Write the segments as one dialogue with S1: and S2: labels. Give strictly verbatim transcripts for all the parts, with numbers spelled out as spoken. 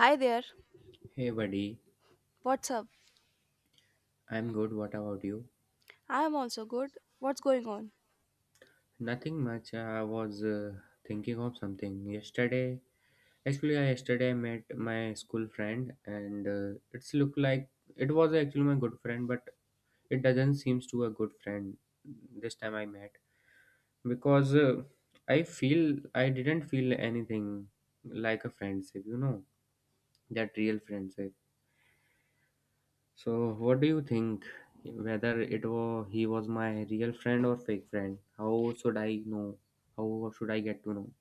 S1: Hi there.
S2: Hey buddy,
S1: What's up?
S2: I'm good. What about you?
S1: I am also good. What's going on?
S2: Nothing much. I was uh, thinking of something yesterday. Actually, I yesterday I met my school friend, and uh, it's look like it was actually my good friend, but it doesn't seems to a good friend this time I met because uh, I feel I didn't feel anything like a friendship. You know, that real friendship. So, what do you think? Whether it was he was my real friend or fake friend? How should I know? How should I get to know?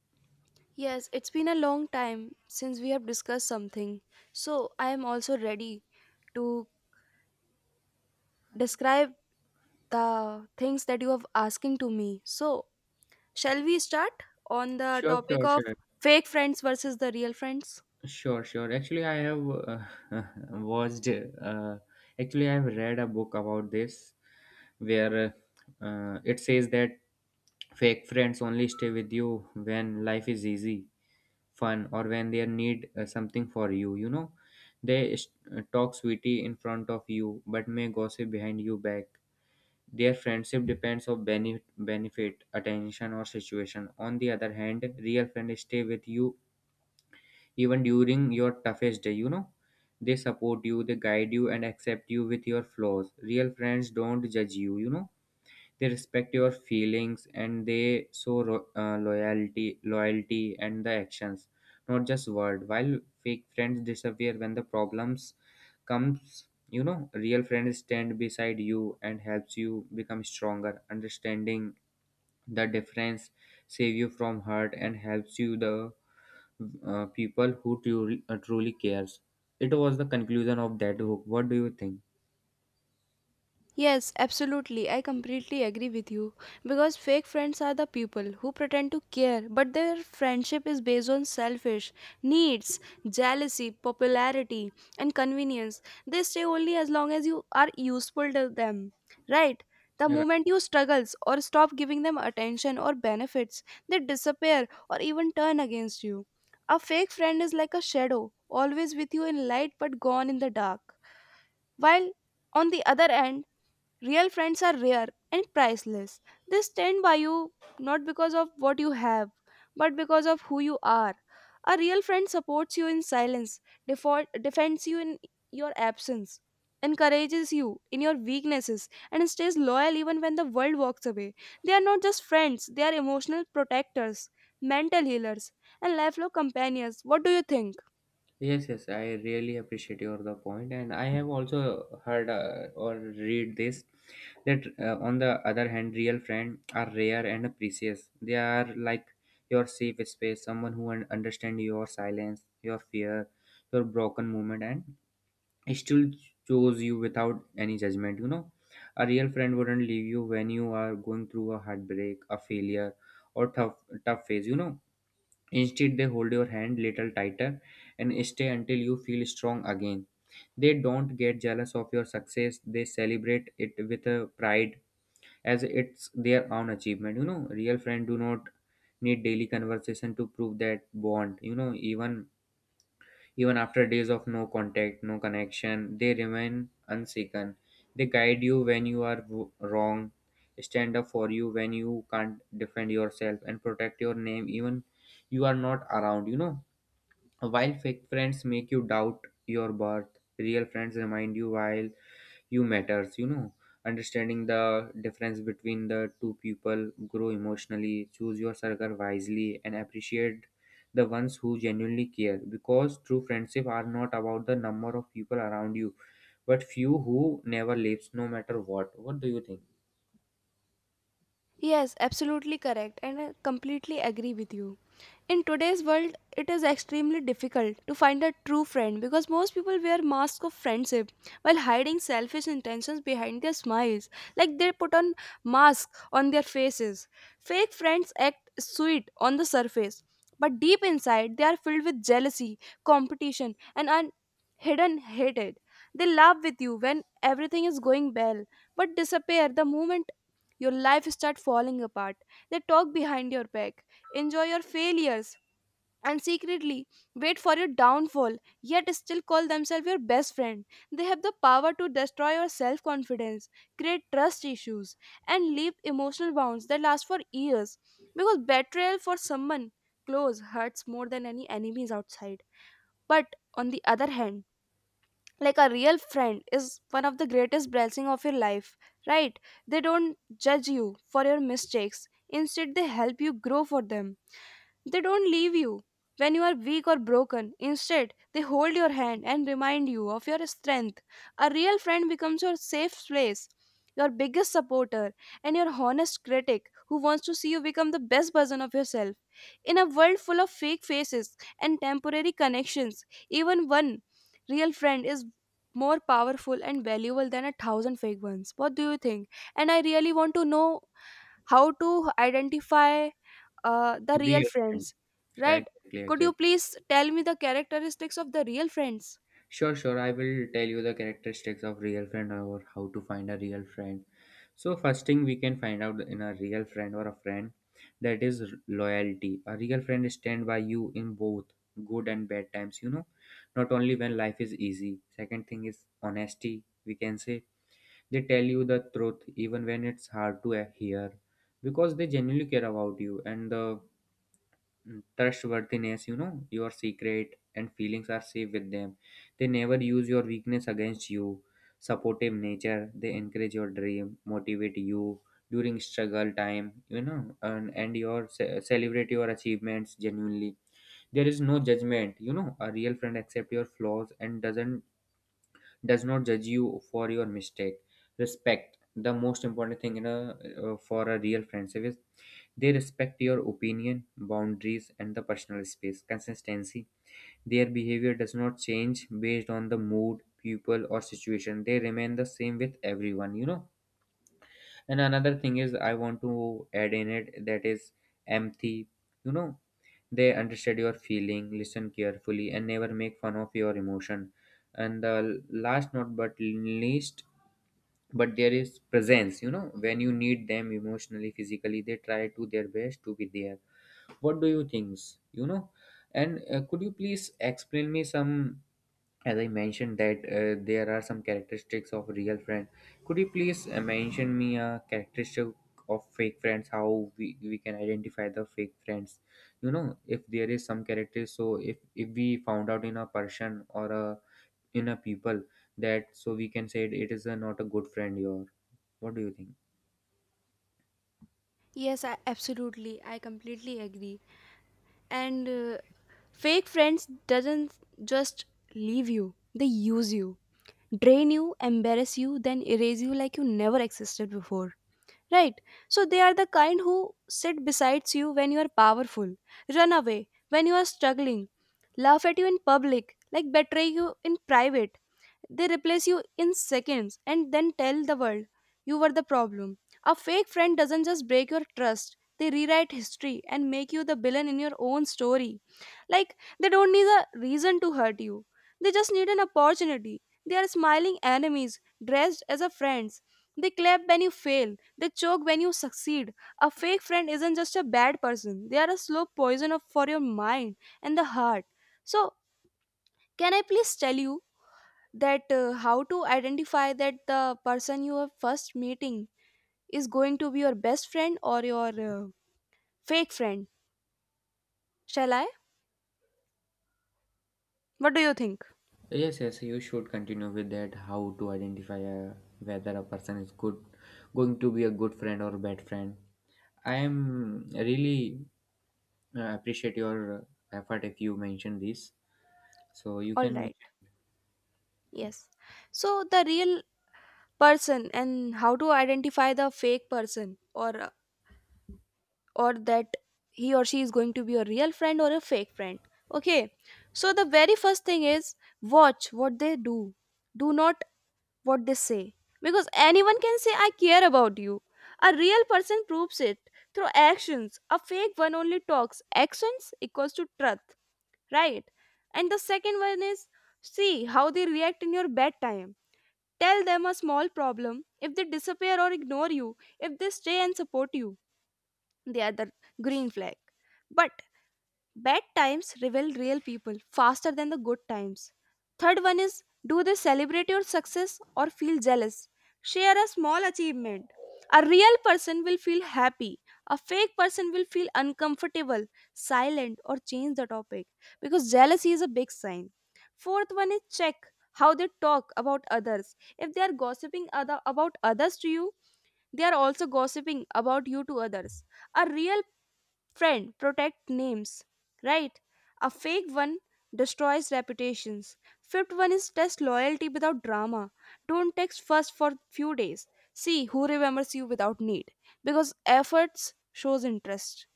S1: Yes, it's been a long time since we have discussed something. So, I am also ready to describe the things that you have asking to me. So, shall we start on the
S2: Sure,
S1: topic
S2: sure,
S1: of
S2: sure,
S1: fake friends versus the real friends?
S2: sure, sure. Actually, I have uh, watched. Uh, actually, I have read a book about this where uh, it says that fake friends only stay with you when life is easy, fun, or when they need uh, something for you. You know, they st- talk sweetie in front of you, but may gossip behind you back. Their friendship depends on bene- benefit, attention, or situation. On the other hand, real friends stay with you even during your toughest day, you know. They support you, they guide you, and accept you with your flaws. Real friends don't judge you, you know, they respect your feelings and they show ro- uh, loyalty loyalty and the actions, not just word, while fake friends disappear when the problems comes. You know, real friends stand beside you and helps you become stronger, understanding the difference, save you from hurt and helps you the uh, people who truly, uh, truly cares. It was the conclusion of that book. What do you think?
S1: Yes, absolutely. I completely agree with you. Because fake friends are the people who pretend to care, but their friendship is based on selfish needs, jealousy, popularity, and convenience. They stay only as long as you are useful to them, right? The moment you struggles or stop giving them attention or benefits, they disappear or even turn against you. A fake friend is like a shadow, always with you in light but gone in the dark. While on the other end, real friends are rare and priceless. They stand by you not because of what you have, but because of who you are. A real friend supports you in silence, defo- defends you in your absence, encourages you in your weaknesses, and stays loyal even when the world walks away. They are not just friends, they are emotional protectors, mental healers, and lifelong companions. What do you think?
S2: Yes, yes, I really appreciate your the point, and I have also heard uh, or read this that uh, on the other hand, real friends are rare and precious. They are like your safe space, someone who un- understand your silence, your fear, your broken moment, and still chose you without any judgment. You know, a real friend wouldn't leave you when you are going through a heartbreak, a failure, or tough tough phase. You know, instead, they hold your hand little tighter and stay until you feel strong again. They don't get jealous of your success, they celebrate it with a pride as it's their own achievement. You know, real friends do not need daily conversation to prove that bond. You know, even even after days of no contact, no connection, they remain unshaken. They guide you when you are w- wrong, stand up for you when you can't defend yourself, and protect your name even you are not around. You know, while fake friends make you doubt your worth, real friends remind you while you matters, you know. Understanding the difference between the two people, grow emotionally, choose your circle wisely, and appreciate the ones who genuinely care. Because true friendship are not about the number of people around you, but few who never leaves no matter what. What do you think?
S1: Yes, absolutely correct, and I completely agree with you. In today's world, it is extremely difficult to find a true friend because most people wear masks of friendship while hiding selfish intentions behind their smiles. Like they put on masks on their faces. Fake friends act sweet on the surface, but deep inside, they are filled with jealousy, competition, and un- hidden hatred. They laugh with you when everything is going well, but disappear the moment your life start falling apart. They talk behind your back, enjoy your failures, and secretly wait for your downfall, yet still call themselves your best friend. They have the power to destroy your self confidence, create trust issues, and leave emotional wounds that last for years, because betrayal for someone close hurts more than any enemies outside. But on the other hand, like a real friend is one of the greatest blessing of your life, right? They don't judge you for your mistakes, instead they help you grow for them. They don't leave you when you are weak or broken. Instead, they hold your hand and remind you of your strength. A real friend becomes your safe place, your biggest supporter, and your honest critic who wants to see you become the best version of yourself. In a world full of fake faces and temporary connections, even one real friend is more powerful and valuable than a thousand fake ones. What do you think? And I really want to know how to identify uh, the real
S2: Real friend.
S1: friends, right?
S2: Exactly,
S1: Could you
S2: exactly.
S1: please tell me the characteristics of the real friends?
S2: Sure, sure. I will tell you the characteristics of real friend or how to find a real friend. So first thing we can find out in a real friend or a friend, that is loyalty. A real friend stand by you in both good and bad times, you know, not only when life is easy. Second thing is honesty, we can say. They tell you the truth even when it's hard to hear because they genuinely care about you. And the trustworthiness, you know, your secret and feelings are safe with them, they never use your weakness against you. Supportive nature, they encourage your dream, motivate you during struggle time, you know, and, and your ce- celebrate your achievements genuinely. There is no judgment, you know, a real friend accept your flaws and doesn't does not judge you for your mistake. Respect, the most important thing in a uh, for a real friendship is they respect your opinion, boundaries, and the personal space. Consistency. Their behavior does not change based on the mood, people, or situation. They remain the same with everyone, you know. And another thing is, I want to add in it, that is empathy, you know. They understand your feeling, listen carefully, and never make fun of your emotion. And the last, not but least, but there is presence, you know, when you need them emotionally, physically, they try to their best to be there. What do you think? You know, and uh, could you please explain me some, as I mentioned that uh, there are some characteristics of real friend, could you please uh, mention me a characteristic of fake friends, how we, we can identify the fake friends. You know, if there is some character, so if if we found out in a person or a in a people, that so we can say it, it is a, not a good friend your, what do you think?
S1: Yes, I, absolutely. I completely agree. And uh, fake friends doesn't just leave you. They use you, drain you, embarrass you, then erase you like you never existed before. Right? So they are the kind who sit beside you when you are powerful, run away when you are struggling, laugh at you in public, like betray you in private. They replace you in seconds and then tell the world you were the problem. A fake friend doesn't just break your trust, they rewrite history and make you the villain in your own story. Like, they don't need a reason to hurt you, they just need an opportunity. They are smiling enemies dressed as a friends. They clap when you fail, they choke when you succeed. A fake friend isn't just a bad person, they are a slow poison of, for your mind and the heart. So, can I please tell you that uh, how to identify that the person you are first meeting is going to be your best friend or your uh, fake friend? Shall I? What do you think?
S2: Yes, yes, you should continue with that. How to identify uh, whether a person is good, going to be a good friend or bad friend. I am really uh, appreciate your effort if you mention this. So you
S1: All
S2: can
S1: right,
S2: mention.
S1: yes. So the real person and how to identify the fake person or uh, or that he or she is going to be a real friend or a fake friend. Okay, so the very first thing is watch what they do, do not what they say. Because anyone can say, I care about you. A real person proves it through actions. A fake one only talks. Actions equals to truth, right? And the second one is, see how they react in your bad time. Tell them a small problem. If they disappear or ignore you, if they stay and support you, they are the green flag. But bad times reveal real people faster than the good times. Third one is, do they celebrate your success or feel jealous? Share a small achievement. A real person will feel happy. A fake person will feel uncomfortable, silent, or change the topic, because jealousy is a big sign. Fourth one is, check how they talk about others. If they are gossiping other, about others to you, they are also gossiping about you to others. A real friend, protect names, right? A fake one destroys reputations. Fifth one is, test loyalty without drama. Don't text first for few days. See who remembers you without need, because efforts shows interest.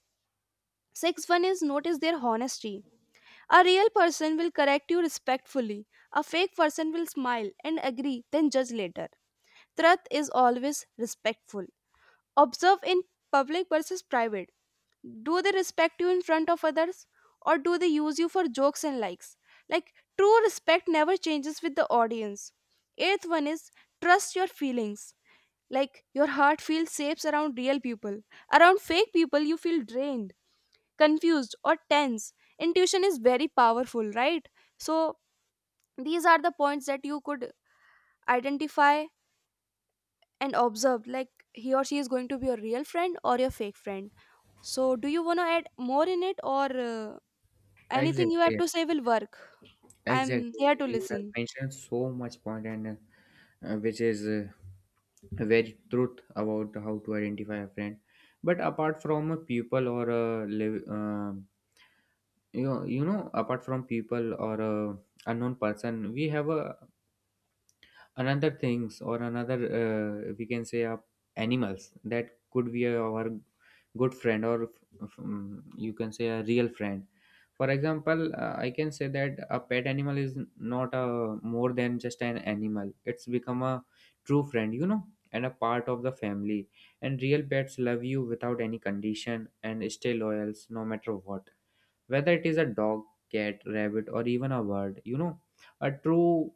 S1: Sixth one is, notice their honesty. A real person will correct you respectfully. A fake person will smile and agree, then judge later. Truth is always respectful. Observe in public versus private, do they respect you in front of others or do they use you for jokes and likes? Like true respect never changes with the audience. Eighth one is, trust your feelings. Like your heart feels safe around real people, around fake people you feel drained, confused or tense. Intuition is very powerful, right? So these are the points that you could identify and observe, like he or she is going to be your real friend or your fake friend. So do you want to add more in it, or uh, anything you have
S2: Exactly,
S1: to say will work. I'm
S2: exactly.
S1: here to
S2: Exactly. You have
S1: listen.
S2: mentioned so much point and uh, which is uh, very truth about how to identify a friend. But apart from a people or a live, um you know, you know, apart from people or a unknown person, we have a another things or another uh, we can say uh, animals that could be a- our good friend or f- um, you can say a real friend. For example, uh, I can say that a pet animal is not a more than just an animal, it's become a true friend, you know, and a part of the family. And real pets love you without any condition and stay loyal no matter what, whether it is a dog, cat, rabbit, or even a bird. You know, a true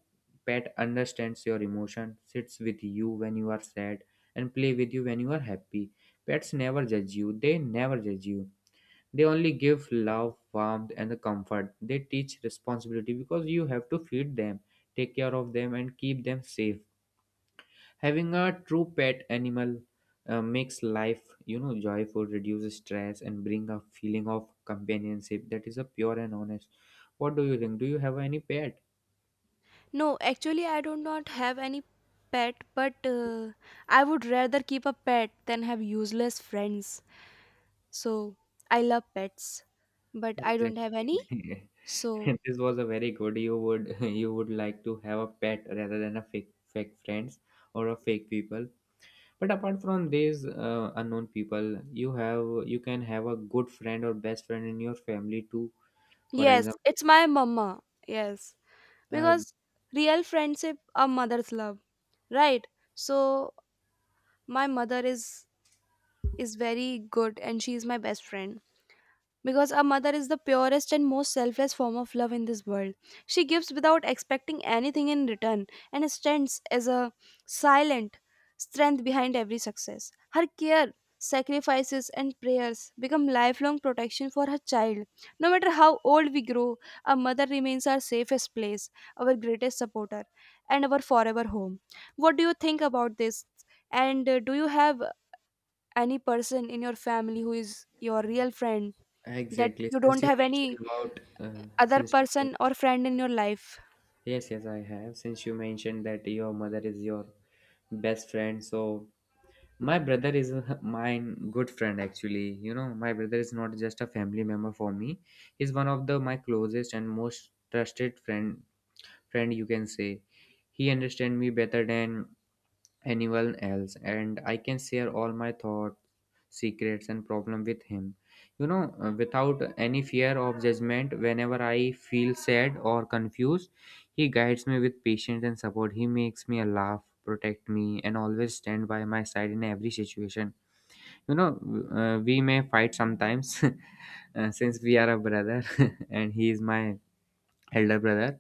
S2: pet understands your emotion, sits with you when you are sad, and play with you when you are happy. Pets never judge you. They never judge you. They only give love, warmth, and the comfort. They teach responsibility because you have to feed them, take care of them, and keep them safe. Having a true pet animal, uh, makes life, you know, joyful, reduces stress and bring a feeling of companionship that is a pure and honest. What do you think? Do you have any pet?
S1: No, actually, I do not have any pet, but uh, I would rather keep a pet than have useless friends. So I love pets, but I don't have any.
S2: Exactly.
S1: So,
S2: This was a very good. You would you would like to have a pet rather than a fake fake friends or a fake people. But apart from these uh, unknown people, you have, you can have a good friend or best friend in your family too. For
S1: yes, it's
S2: example,
S1: my mama. Yes,
S2: uh,
S1: because real friendship a mother's love, right? So my mother is is very good and she is my best friend. Because a mother is the purest and most selfless form of love in this world. She gives without expecting anything in return and stands as a silent strength behind every success. Her care, sacrifices, and prayers become lifelong protection for her child. No matter how old we grow, a mother remains our safest place, our greatest supporter, and our forever home. What do you think about this? And uh, do you have any person in your family who is your real friend, that
S2: exactly.
S1: you
S2: Since
S1: don't
S2: you
S1: have
S2: mentioned
S1: any
S2: about, uh,
S1: other
S2: since you men-
S1: person or friend in your life?
S2: yes, yes, I have. Since you mentioned that your mother is your best friend, so my brother is mine good friend actually. You know, my brother is not just a family member for me. He's one of the my closest and most trusted friend friend, you can say. He understands me better than anyone else and I can share all my thoughts, secrets and problem with him, you know, uh, without any fear of judgment. Whenever I feel sad or confused, he guides me with patience and support. He makes me laugh, protect me and always stand by my side in every situation, you know. Uh, we may fight sometimes, uh, since we are a brother, and he is my elder brother,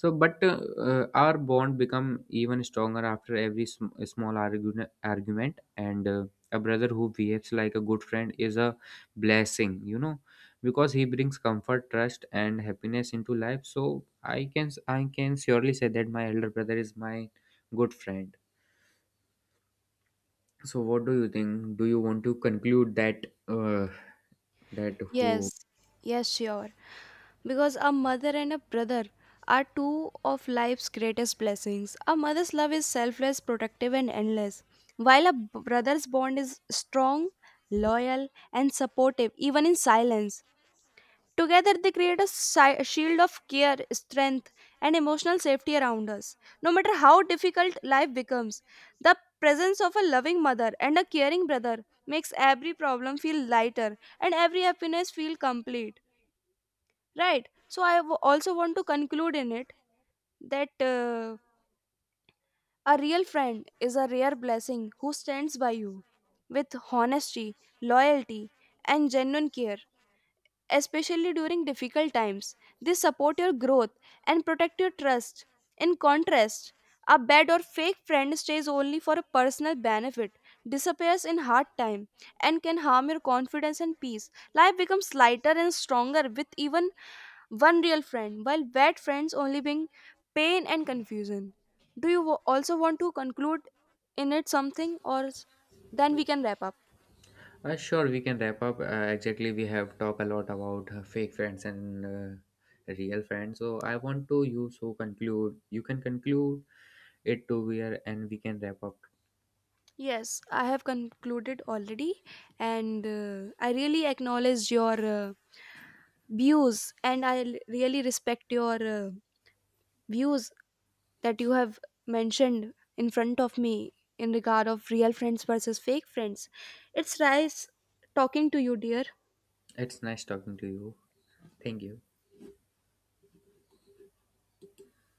S2: so but uh, uh, our bond become even stronger after every sm- small argument argument and uh, a brother who behaves like a good friend is a blessing, you know, because he brings comfort, trust and happiness into life. So i can I can surely say that my elder brother is my good friend. So what do you think? Do you want to conclude that uh, that who.
S1: Yes, yes, sure. Because a mother and a brother are two of life's greatest blessings. A mother's love is selfless, protective, and endless, while a b- brother's bond is strong, loyal, and supportive, even in silence. Together, they create a si- shield of care, strength, and emotional safety around us. No matter how difficult life becomes, the presence of a loving mother and a caring brother makes every problem feel lighter and every happiness feel complete. Right? So, I w- also want to conclude in it that uh, a real friend is a rare blessing who stands by you with honesty, loyalty, and genuine care, especially during difficult times. They support your growth and protect your trust. In contrast, a bad or fake friend stays only for a personal benefit, disappears in hard time, and can harm your confidence and peace. Life becomes lighter and stronger with even one real friend, while bad friends only bring pain and confusion. Do you wo- also want to conclude in it something, or s- then we can wrap up?
S2: Uh, sure, we can wrap up. Uh, exactly, we have talked a lot about uh, fake friends and uh, real friends. So I want to you so conclude. You can conclude it to where, and we can wrap up.
S1: Yes, I have concluded already, and uh, I really acknowledge your uh, views, and I l- really respect your uh, views that you have mentioned in front of me in regard of real friends versus fake friends. It's nice talking to you, dear.
S2: It's nice talking to you. Thank you.